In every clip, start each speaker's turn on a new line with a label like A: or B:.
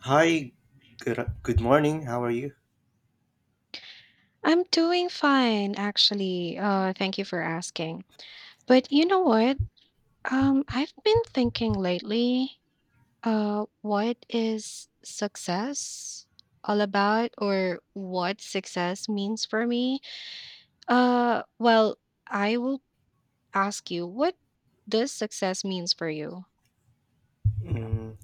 A: Hi, good morning. How are you?
B: I'm doing fine, actually. Thank you for asking. But you know what? I've been thinking lately, what is success all about, or what success means for me? Well, I will ask you, what does success means for you?
A: Mm,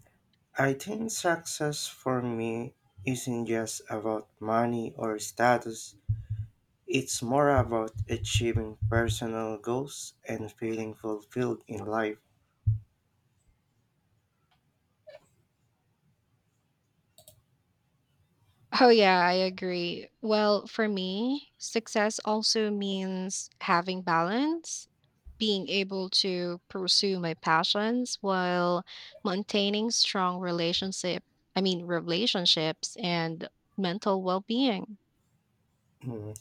A: I think success for me isn't just about money or status, it's more about achieving personal goals and feeling fulfilled in life.
B: Oh, yeah, I agree. Well, for me, success also means having balance, being able to pursue my passions while maintaining strong relationships and mental well-being.
A: Mm,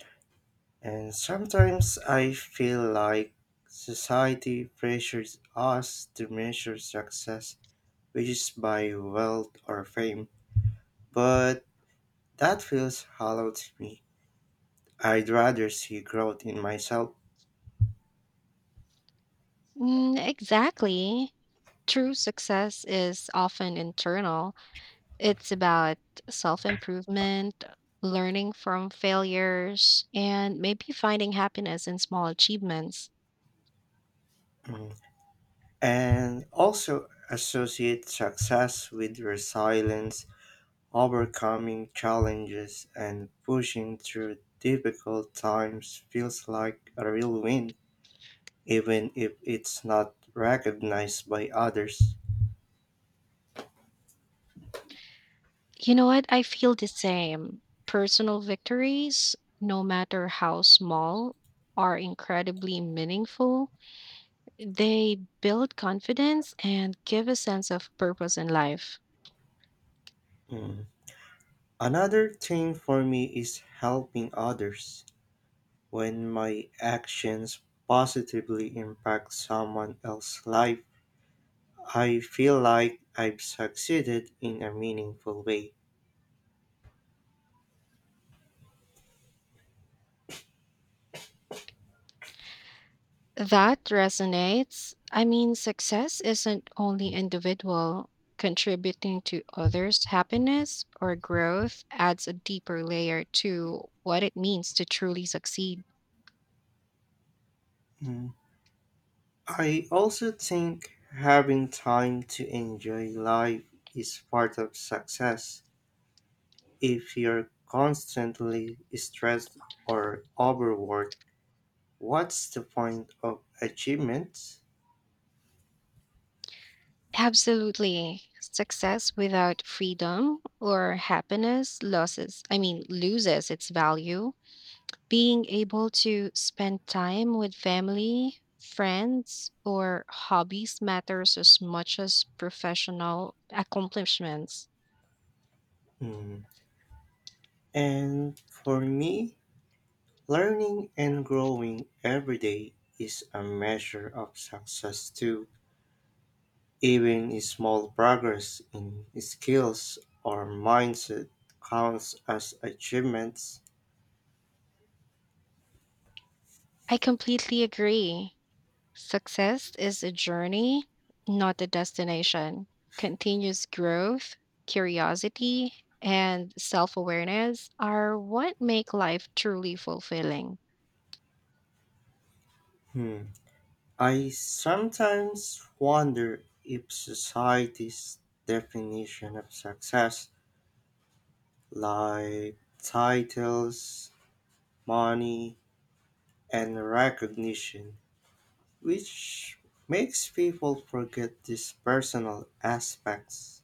A: and sometimes I feel like society pressures us to measure success, which is by wealth or fame, but that feels hollow to me. I'd rather see growth in myself.
B: Mm, exactly. True success is often internal. It's about self-improvement, learning from failures, and maybe finding happiness in small achievements.
A: Mm. And also associate success with resilience, overcoming challenges, and pushing through difficult times feels like a real win, even if it's not recognized by others.
B: You know what? I feel the same. Personal victories, no matter how small, are incredibly meaningful. They build confidence and give a sense of purpose in life.
A: Mm. Another thing for me is helping others. When my actions positively impact someone else's life, I feel like I've succeeded in a meaningful way.
B: That resonates. I mean, success isn't only individual. Contributing to others' happiness or growth adds a deeper layer to what it means to truly succeed.
A: I also think having time to enjoy life is part of success. If you're constantly stressed or overworked, what's the point of achievements?
B: Absolutely. Success without freedom or happiness loses its value. Being able to spend time with family, friends, or hobbies matters as much as professional accomplishments.
A: Mm. And for me, learning and growing every day is a measure of success too. Even a small progress in skills or mindset counts as achievements.
B: I completely agree. Success is a journey, not a destination. Continuous growth, curiosity, and self awareness are what make life truly fulfilling.
A: Hmm. I sometimes wonder if society's definition of success, like titles, money, and recognition, which makes people forget these personal aspects.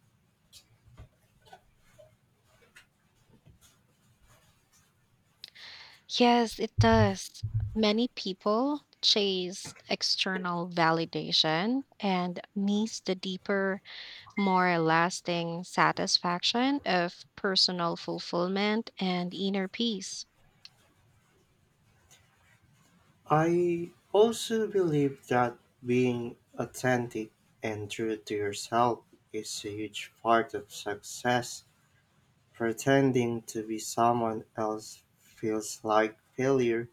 B: Yes, it does. Many people chase external validation and miss the deeper, more lasting satisfaction of personal fulfillment and inner peace.
A: I also believe that being authentic and true to yourself is a huge part of success. Pretending to be someone else feels like failure,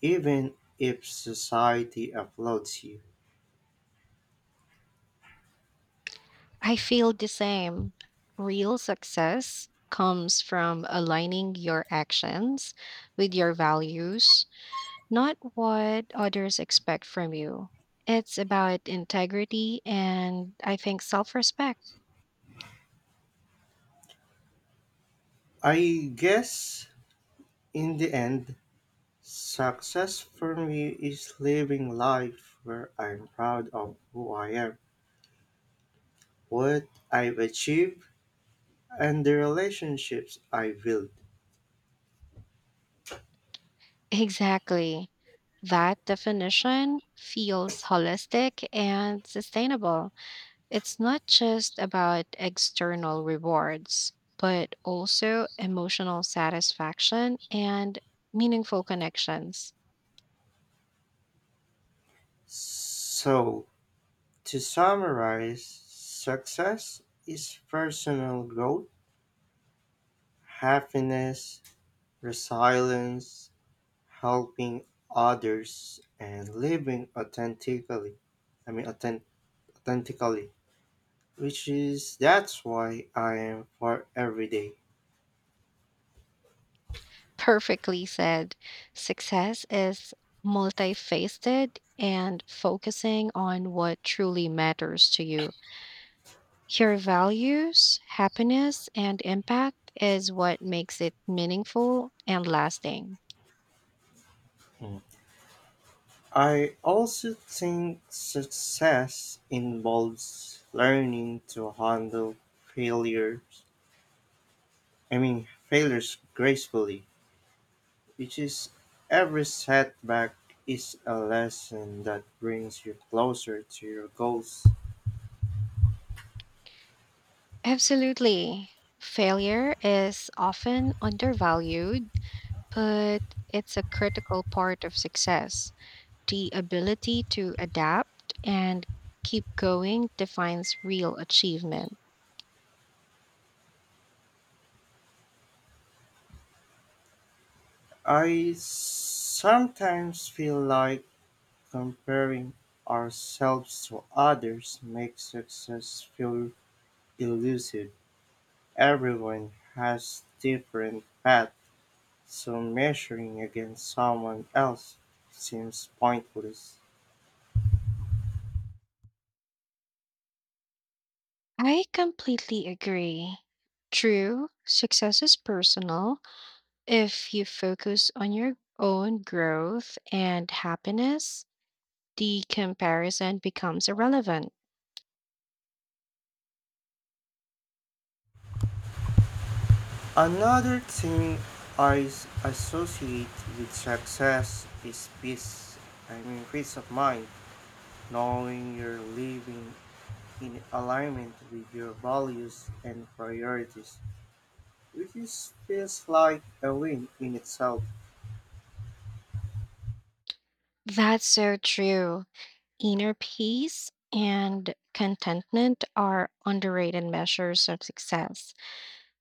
A: even if society applauds you.
B: I feel the same. Real success comes from aligning your actions with your values, not what others expect from you. It's about integrity and I think self respect.
A: I guess in the end, success for me is living life where I'm proud of who I am, what I've achieved, and the relationships I built.
B: Exactly. That definition feels holistic and sustainable. It's not just about external rewards, but also emotional satisfaction and meaningful connections.
A: So, to summarize, success is personal growth, happiness, resilience, helping others and living authentically, i mean authen- authentically, which is that's why I am for every day.
B: Perfectly said. Success is multifaceted and focusing on what truly matters to you. Your values, happiness, and impact is what makes it meaningful and lasting.
A: Mm. I also think success involves learning to handle failures I mean failures gracefully, which is every setback is a lesson that brings you closer to your goals.
B: Absolutely. Failure is often undervalued, but it's a critical part of success. The ability to adapt and keep going defines real achievement.
A: I sometimes feel like comparing ourselves to others makes success feel elusive. Everyone has different paths, so measuring against someone else seems pointless.
B: I completely agree. True, success is personal. If you focus on your own growth and happiness, the comparison becomes irrelevant.
A: Another thing associate with success is peace. I mean, peace of mind, knowing you're living in alignment with your values and priorities, which is, feels like a win in itself.
B: That's so true. Inner peace and contentment are underrated measures of success.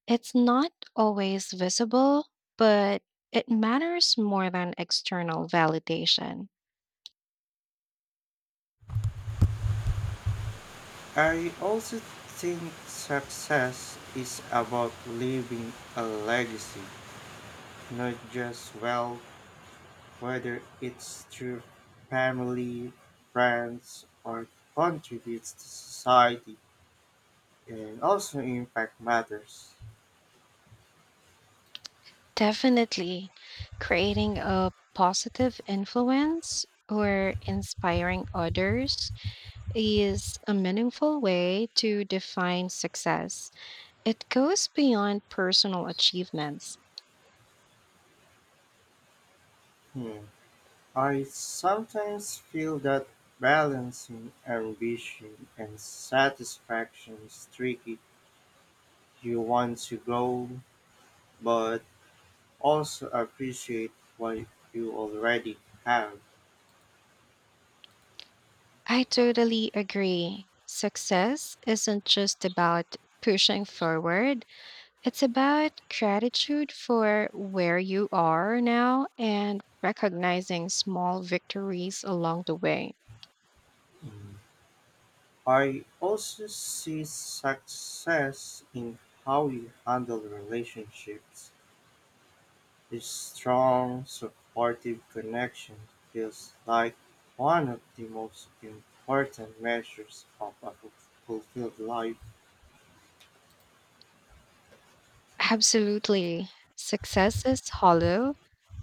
B: It's not always visible, but it matters more than external validation.
A: I also think success is about leaving a legacy, not just wealth, whether it's through family, friends, or contributes to society, and also impact matters.
B: Definitely, creating a positive influence or inspiring others is a meaningful way to define success. It goes beyond personal achievements.
A: Hmm. I sometimes feel that balancing ambition and satisfaction is tricky. You want to grow, but also appreciate what you already have.
B: I totally agree. Success isn't just about pushing forward. It's about gratitude for where you are now and recognizing small victories along the way.
A: Mm. I also see success in how you handle relationships. His strong, supportive connection feels like one of the most important measures of a fulfilled life.
B: Absolutely. Success is hollow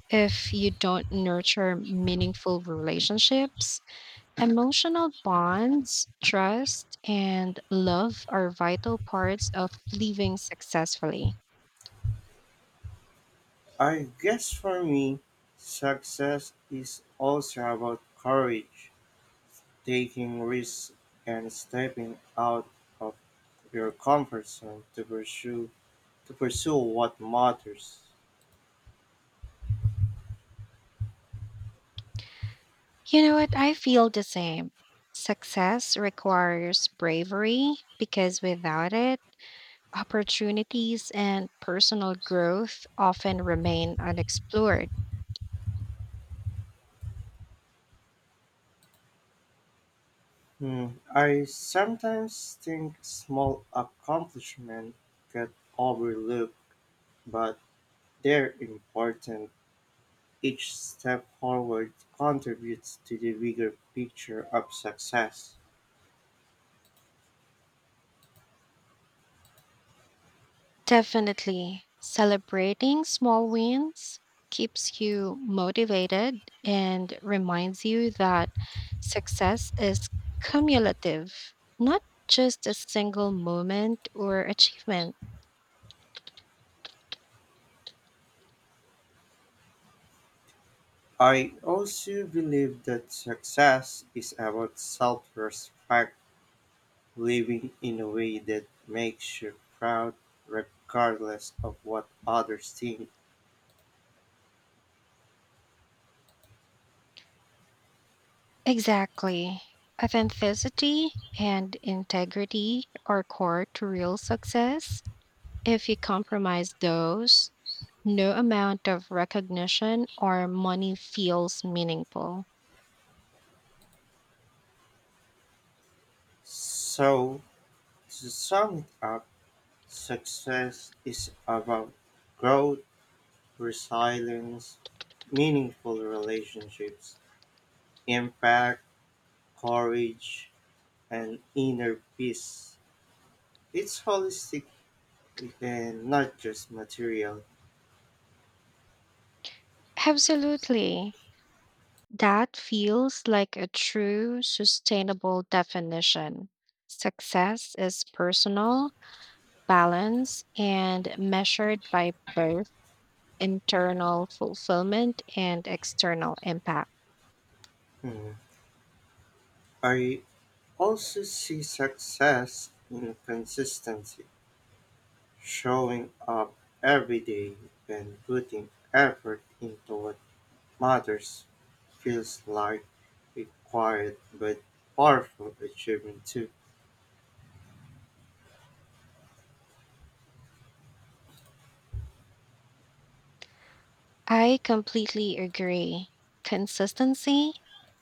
B: if you don't nurture meaningful relationships. Emotional bonds, trust, and love are vital parts of living successfully.
A: I guess for me, success is also about courage, taking risks, and stepping out of your comfort zone to pursue what matters.
B: You know what? I feel the same. Success requires bravery because without it, opportunities and personal growth often remain unexplored.
A: Hmm, I sometimes think small accomplishments get overlooked, but they're important. Each step forward contributes to the bigger picture of success.
B: Definitely, celebrating small wins keeps you motivated and reminds you that success is cumulative, not just a single moment or achievement.
A: I also believe that success is about self respect, living in a way that makes you proud regardless of what others think.
B: Exactly. Authenticity and integrity are core to real success. If you compromise those, no amount of recognition or money feels meaningful.
A: So, to sum it up, success is about growth, resilience, meaningful relationships, impact, courage, and inner peace. It's holistic and not just material.
B: Absolutely. That feels like a true sustainable definition. Success is personal, balanced, and measured by both internal fulfillment and external impact.
A: Hmm. I also see success in consistency, showing up every day and putting effort into what matters feels like a quiet but powerful achievement too.
B: I completely agree. Consistency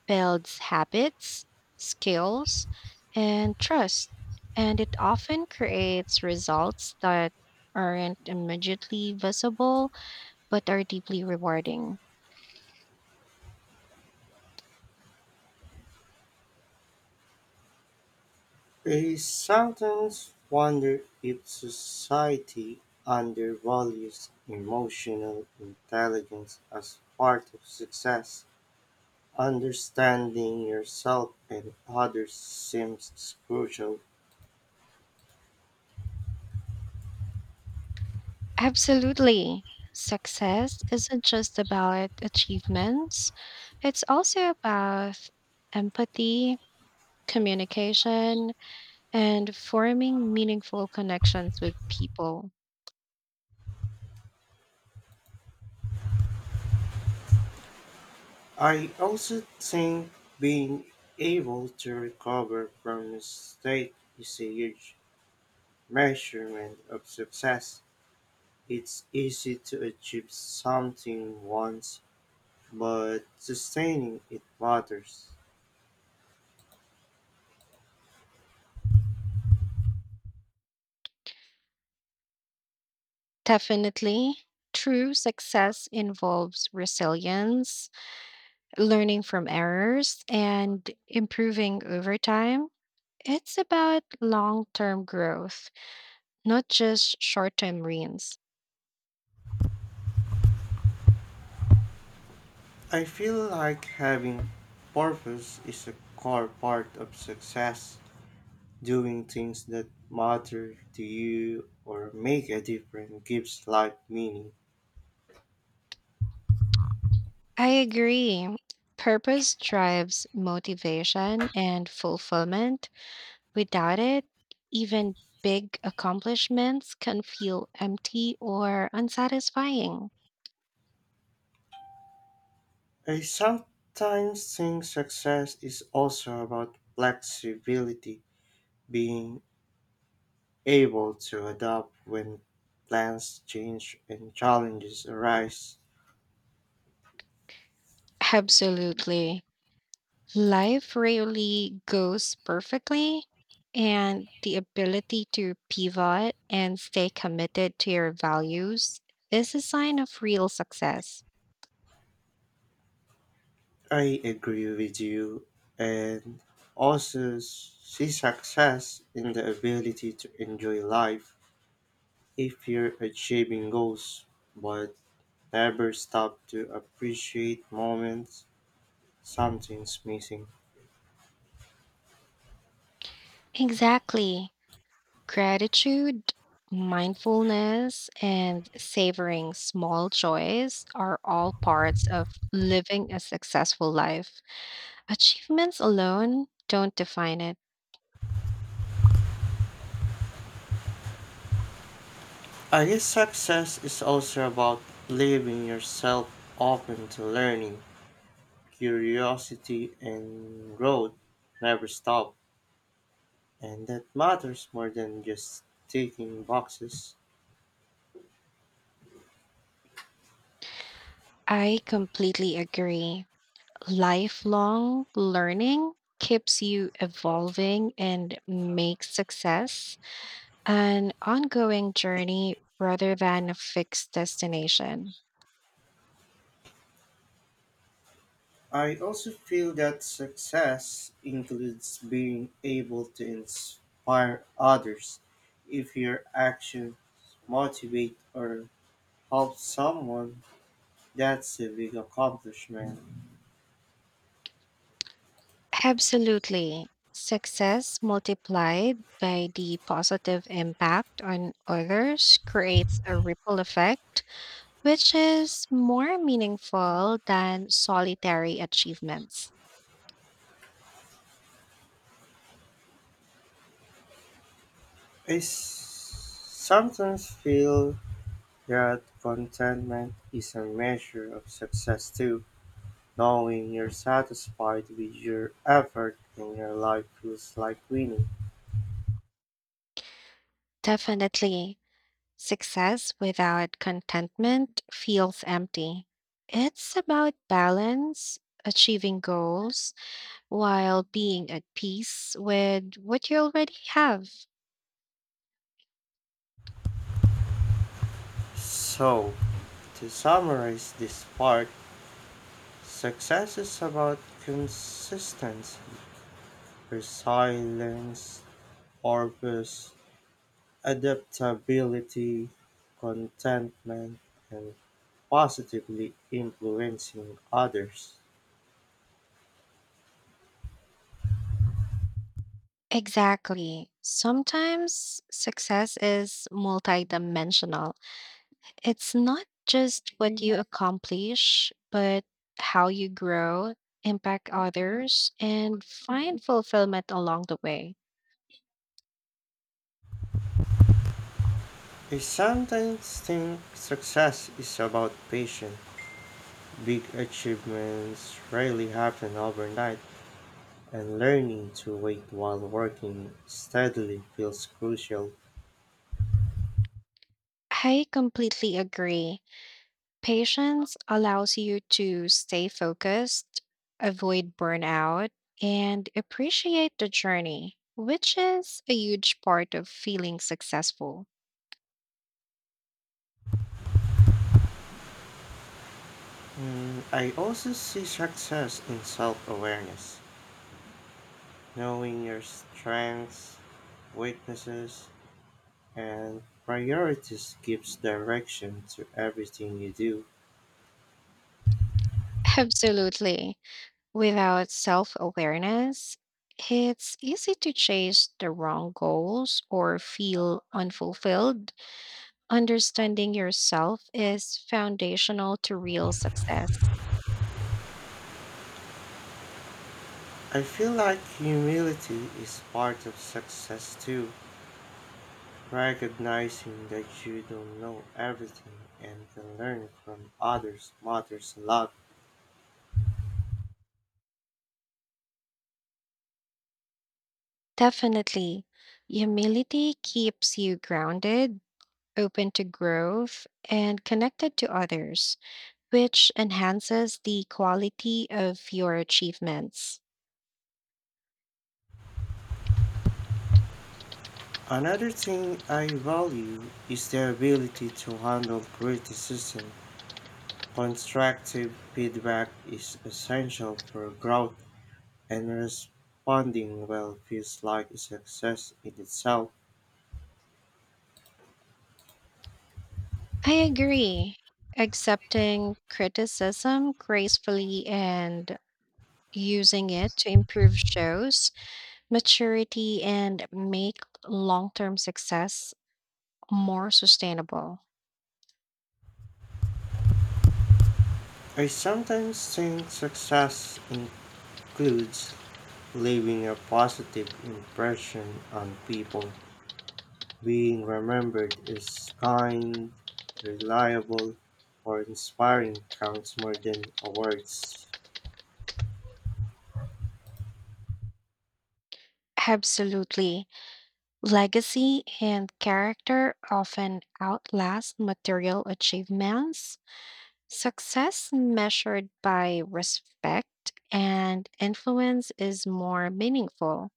B: builds habits, skills, and trust, and it often creates results that aren't immediately visible but are deeply rewarding.
A: I sometimes wonder if society undervalues emotional intelligence as part of success. Understanding yourself and others seems crucial.
B: Absolutely. Success isn't just about achievements, it's also about empathy, communication, and forming meaningful connections with people.
A: I also think being able to recover from mistake is a huge measurement of success. It's easy to achieve something once, but sustaining it matters.
B: Definitely. True success involves resilience, learning from errors, and improving over time. It's about long term growth, not just short term wins.
A: I feel like having purpose is a core part of success. Doing things that matter to you or make a difference gives life meaning.
B: I agree. Purpose drives motivation and fulfillment. Without it, even big accomplishments can feel empty or unsatisfying.
A: I sometimes think success is also about flexibility, being able to adapt when plans change and challenges arise.
B: Absolutely. Life rarely goes perfectly, and the ability to pivot and stay committed to your values is a sign of real success.
A: I agree with you, and also see success in the ability to enjoy life if you're achieving goals, but never stop to appreciate moments something's missing.
B: Exactly. Gratitude, mindfulness, and savoring small joys are all parts of living a successful life. Achievements alone don't define it.
A: I guess success is also about leaving yourself open to learning, curiosity, and growth. Never stop, and that matters more than just ticking boxes.
B: I completely agree. Lifelong learning keeps you evolving and makes success an ongoing journey rather than a fixed destination.
A: I also feel that success includes being able to inspire others. If your actions motivate or help someone, that's a big accomplishment.
B: Absolutely. Success multiplied by the positive impact on others creates a ripple effect, which is more meaningful than solitary achievements.
A: Sometimes feel that contentment is a measure of success too. Knowing you're satisfied with your effort in your life feels like winning.
B: Definitely. Success without contentment feels empty. It's about balance, achieving goals while being at peace with what you already have.
A: So, to summarize this part, success is about consistency, resilience, purpose, adaptability, contentment, and positively influencing others.
B: Exactly. Sometimes success is multidimensional. It's not just what you accomplish, but how you grow, impact others, and find fulfillment along the way.
A: I sometimes think success is about patience. Big achievements rarely happen overnight, and learning to wait while working steadily feels crucial.
B: I completely agree. Patience allows you to stay focused, avoid burnout, and appreciate the journey, which is a huge part of feeling successful.
A: Mm, I also see success in self awareness. Knowing your strengths, weaknesses, and priorities gives direction to everything you do.
B: Absolutely. Without self awareness, it's easy to chase the wrong goals or feel unfulfilled. Understanding yourself is foundational to real success.
A: I feel like humility is part of success too. Recognizing that you don't know everything and can learn from others matters a lot.
B: Definitely. Humility keeps you grounded, open to growth, and connected to others, which enhances the quality of your achievements.
A: Another thing I value is the ability to handle criticism. Constructive feedback is essential for growth and responding well feels like a success in itself.
B: I agree. Accepting criticism gracefully and using it to improve shows maturity and make long term success more sustainable.
A: I sometimes think success includes leaving a positive impression on people, being remembered as kind, reliable, or inspiring counts more than awards.
B: Absolutely. Legacy and character often outlast material achievements. Success measured by respect and influence is more meaningful.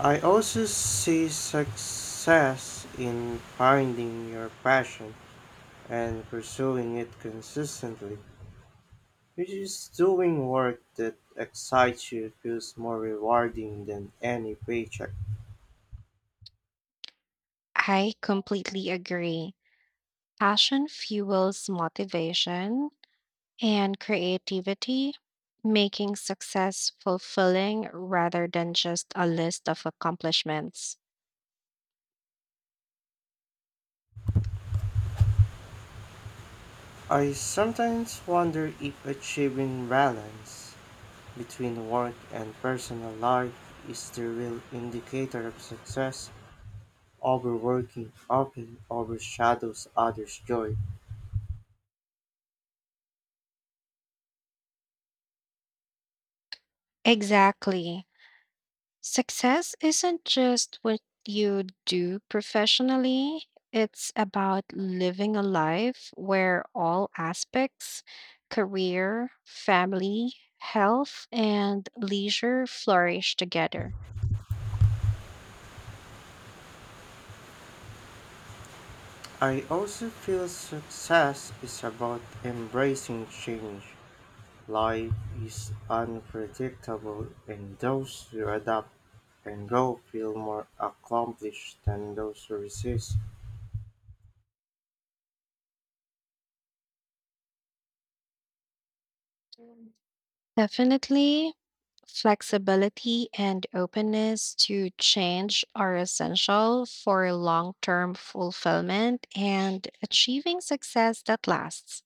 A: I also see success in finding your passion and pursuing it consistently. Which is doing work that excites you feels more rewarding than any paycheck.
B: I completely agree. Passion fuels motivation and creativity, making success fulfilling rather than just a list of accomplishments.
A: I sometimes wonder if achieving balance between work and personal life is the real indicator of success. Overworking often overshadows others' joy.
B: Exactly. Success isn't just what you do professionally, it's about living a life where all aspects career, family, health, and leisure flourish together.
A: I also feel success is about embracing change. Life is unpredictable, and those who adapt and go feel more accomplished than those who resist.
B: Definitely, flexibility and openness to change are essential for long term fulfillment and achieving success that lasts.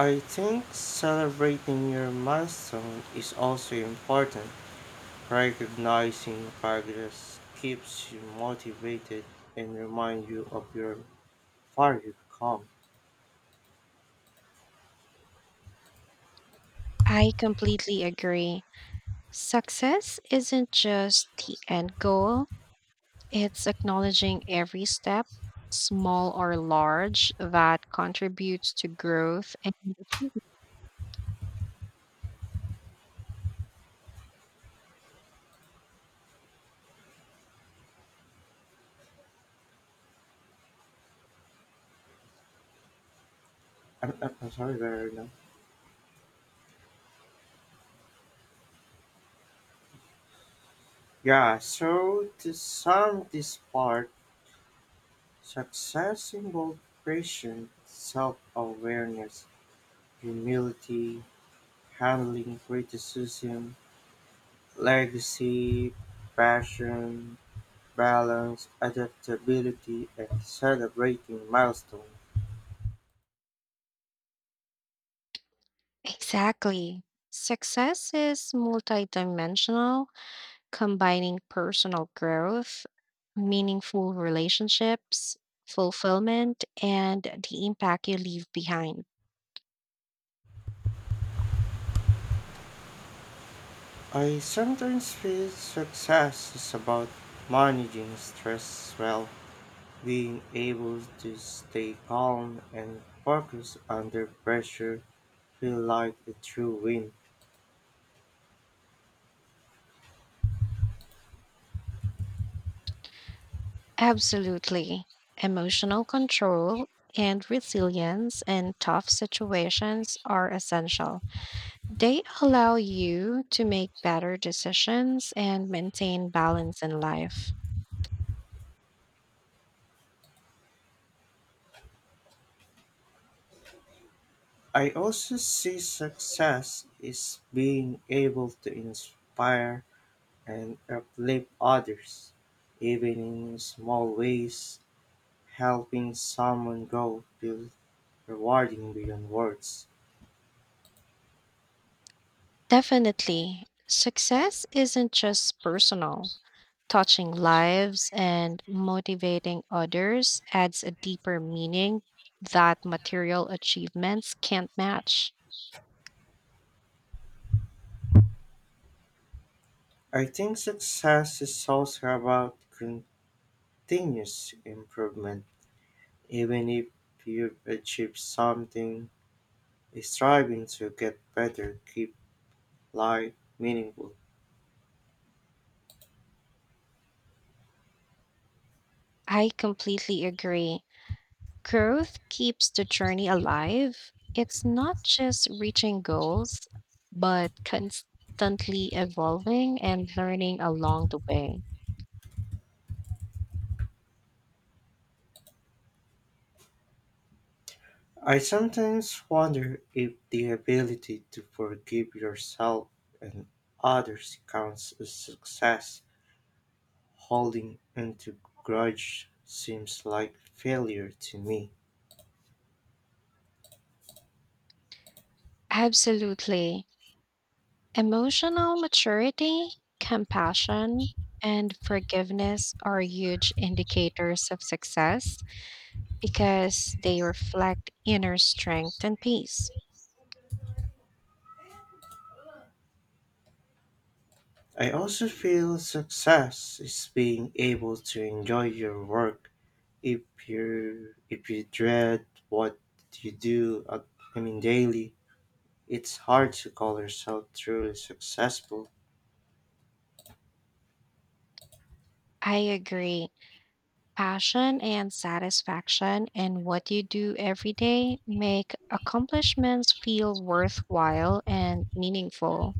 A: I think celebrating your milestone is also important. Recognizing progress keeps you motivated and reminds you of your far you've come.
B: I completely agree. Success isn't just the end goal, it's acknowledging every step, small or large, that contributes to growth and achievement.
A: I'm sorry, Verna. Yeah, so to sum this part, success involves patience, self awareness, humility, handling criticism, legacy, passion, balance, adaptability, and celebrating milestones.
B: Exactly. Success is multidimensional, combining personal growth, meaningful relationships, fulfillment, and the impact you leave behind.
A: I sometimes feel success is about managing stress well. Being able to stay calm and focused under pressure feel like a true win.
B: Absolutely. Emotional control and resilience in tough situations are essential. They allow you to make better decisions and maintain balance in life.
A: I also see success is being able to inspire and uplift others, even in small ways. Helping someone grow feels rewarding beyond words.
B: Definitely, success isn't just personal. Touching lives and motivating others adds a deeper meaning that material achievements can't match.
A: I think success is also about continuous improvement. Even if you've achieved something, striving to get better keep life meaningful.
B: I completely agree. Growth keeps the journey alive. It's not just reaching goals, but constantly evolving and learning along the way.
A: I sometimes wonder if the ability to forgive yourself and others counts as success. Holding onto grudge seems like failure to me.
B: Absolutely. Emotional maturity, compassion, and forgiveness are huge indicators of success because they reflect inner strength and peace.
A: I also feel success is being able to enjoy your work. If if you dread what you do, daily, it's hard to call yourself truly successful.
B: I agree. Passion and satisfaction in what you do every day make accomplishments feel worthwhile and meaningful.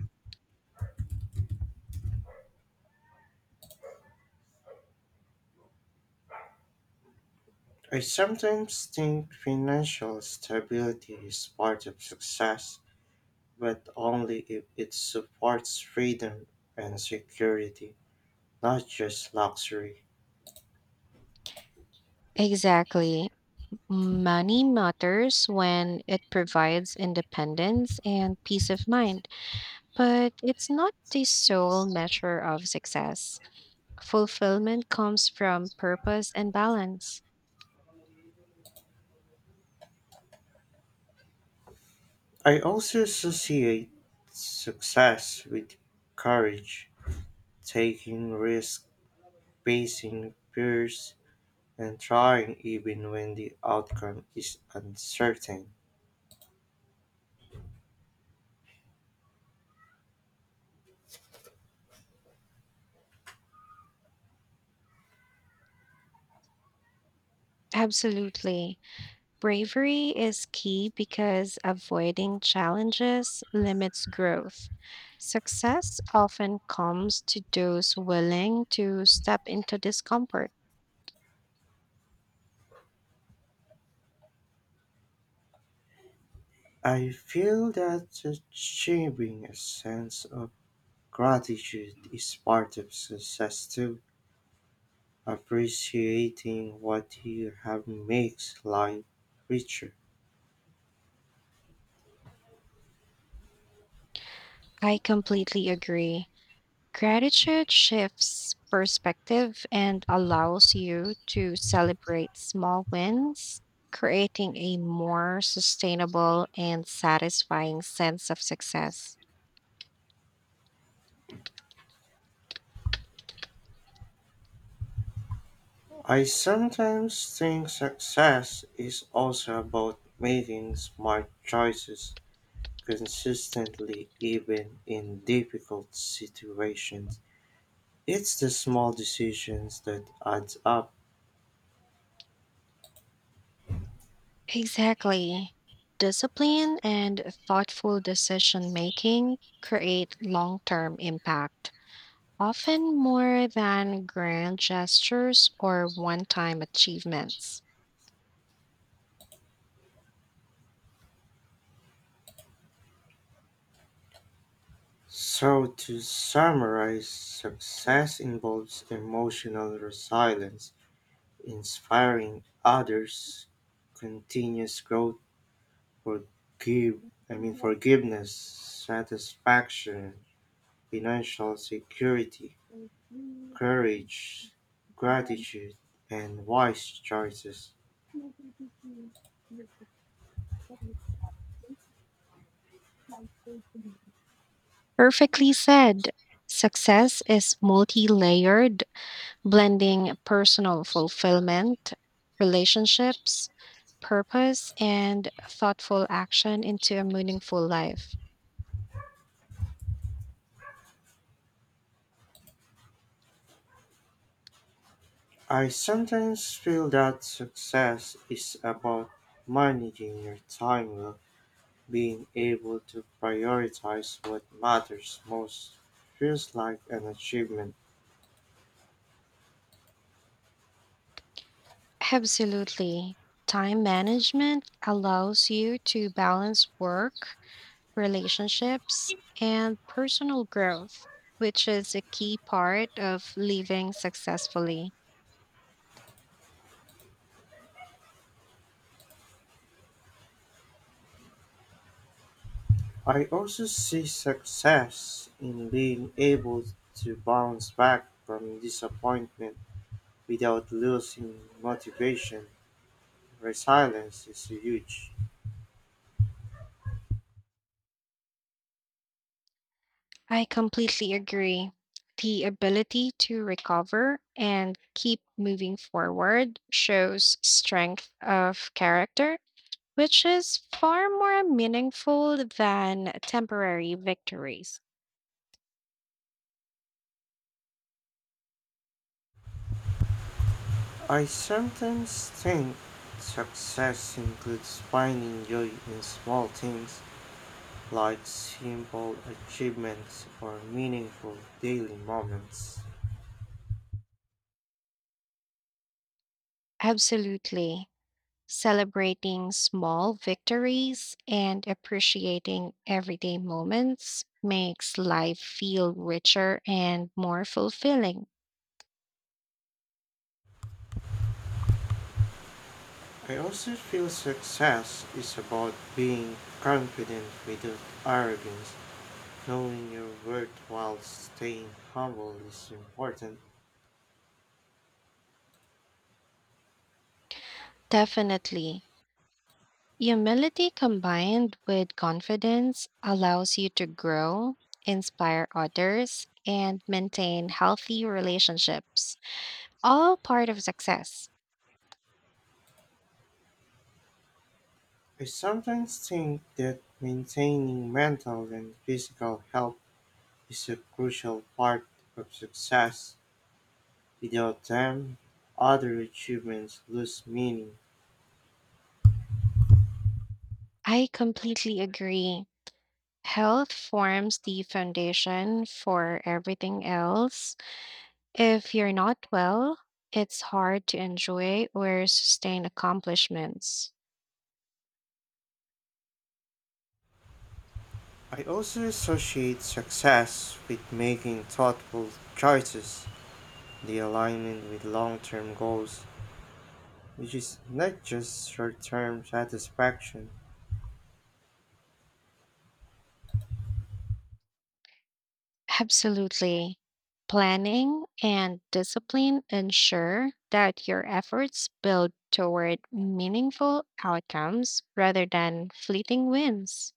A: I sometimes think financial stability is part of success, but only if it supports freedom and security, not just luxury.
B: Exactly. Money matters when it provides independence and peace of mind, but it's not the sole measure of success. Fulfillment comes from purpose and balance.
A: I also associate success with courage, taking risks, facing fears, and trying even when the outcome is uncertain.
B: Absolutely. Bravery is key because avoiding challenges limits growth. Success often comes to those willing to step into discomfort.
A: I feel that achieving a sense of gratitude is part of success too. Appreciating what you have makes life richer.
B: I completely agree. Gratitude shifts perspective and allows you to celebrate small wins, creating a more sustainable and satisfying sense of success.
A: I sometimes think success is also about making smart choices consistently, even in difficult situations. It's the small decisions that adds up.
B: Exactly. Discipline and thoughtful decision making create long term impact, often more than grand gestures or one time achievements.
A: So, to summarize, success involves emotional resilience, inspiring others, continuous growth, forgive, forgiveness, satisfaction, financial security, courage, gratitude, and wise choices.
B: Perfectly said. Success is multi layered, blending personal fulfillment, relationships, purpose, and thoughtful action into a meaningful life.
A: I sometimes feel that success is about managing your time well. Being able to prioritize what matters most feels like an achievement.
B: Absolutely. Time management allows you to balance work, relationships, and personal growth, which is a key part of living successfully.
A: I also see success in being able to bounce back from disappointment without losing motivation. Resilience is huge.
B: I completely agree. The ability to recover and keep moving forward shows strength of character, which is far more meaningful than temporary victories.
A: I sometimes think success includes finding joy in small things like simple achievements or meaningful daily moments.
B: Absolutely. Celebrating small victories and appreciating everyday moments makes life feel richer and more fulfilling.
A: I also feel success is about being confident without arrogance. Knowing your worth while staying humble is important.
B: Definitely. Humility combined with confidence allows you to grow, inspire others, and maintain healthy relationships, all part of success.
A: I sometimes think that maintaining mental and physical health is a crucial part of success. Without them, other achievements lose meaning.
B: I completely agree. Health forms the foundation for everything else. If you're not well, it's hard to enjoy or sustain accomplishments.
A: I also associate success with making thoughtful choices, the alignment with long term goals which is not just short term satisfaction.
B: Absolutely. Planning and discipline ensure that your efforts build toward meaningful outcomes rather than fleeting wins.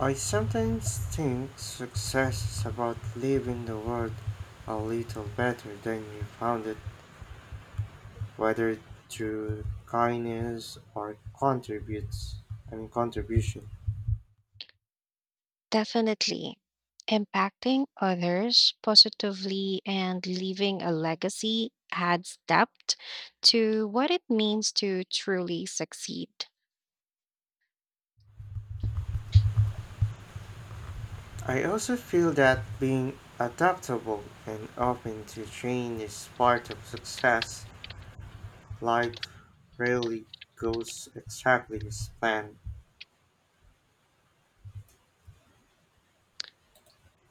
A: I sometimes think success is about leaving the world a little better than you found it, whether through kindness or contributes I mean contribution.
B: Definitely. Impacting others positively and leaving a legacy adds depth to what it means to truly succeed.
A: I also feel that being adaptable and open to change is part of success. Life rarely goes exactly as planned.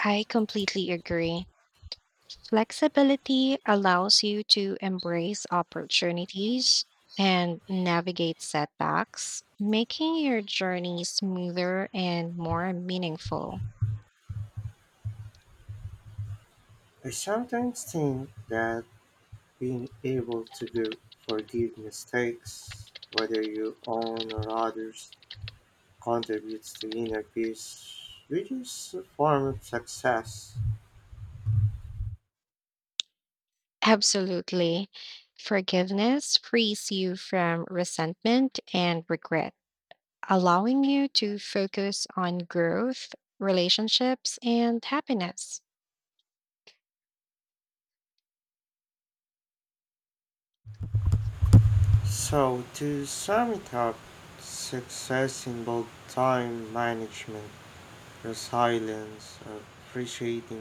B: I completely agree. Flexibility allows you to embrace opportunities and navigate setbacks, making your journey smoother and more meaningful.
A: I sometimes think that being able to do. Forgive mistakes, whether you own or others, contributes to inner peace, which is a form of success.
B: Absolutely. Forgiveness frees you from resentment and regret, allowing you to focus on growth, relationships, and happiness.
A: So, to sum it up, success involves time management, resilience, appreciating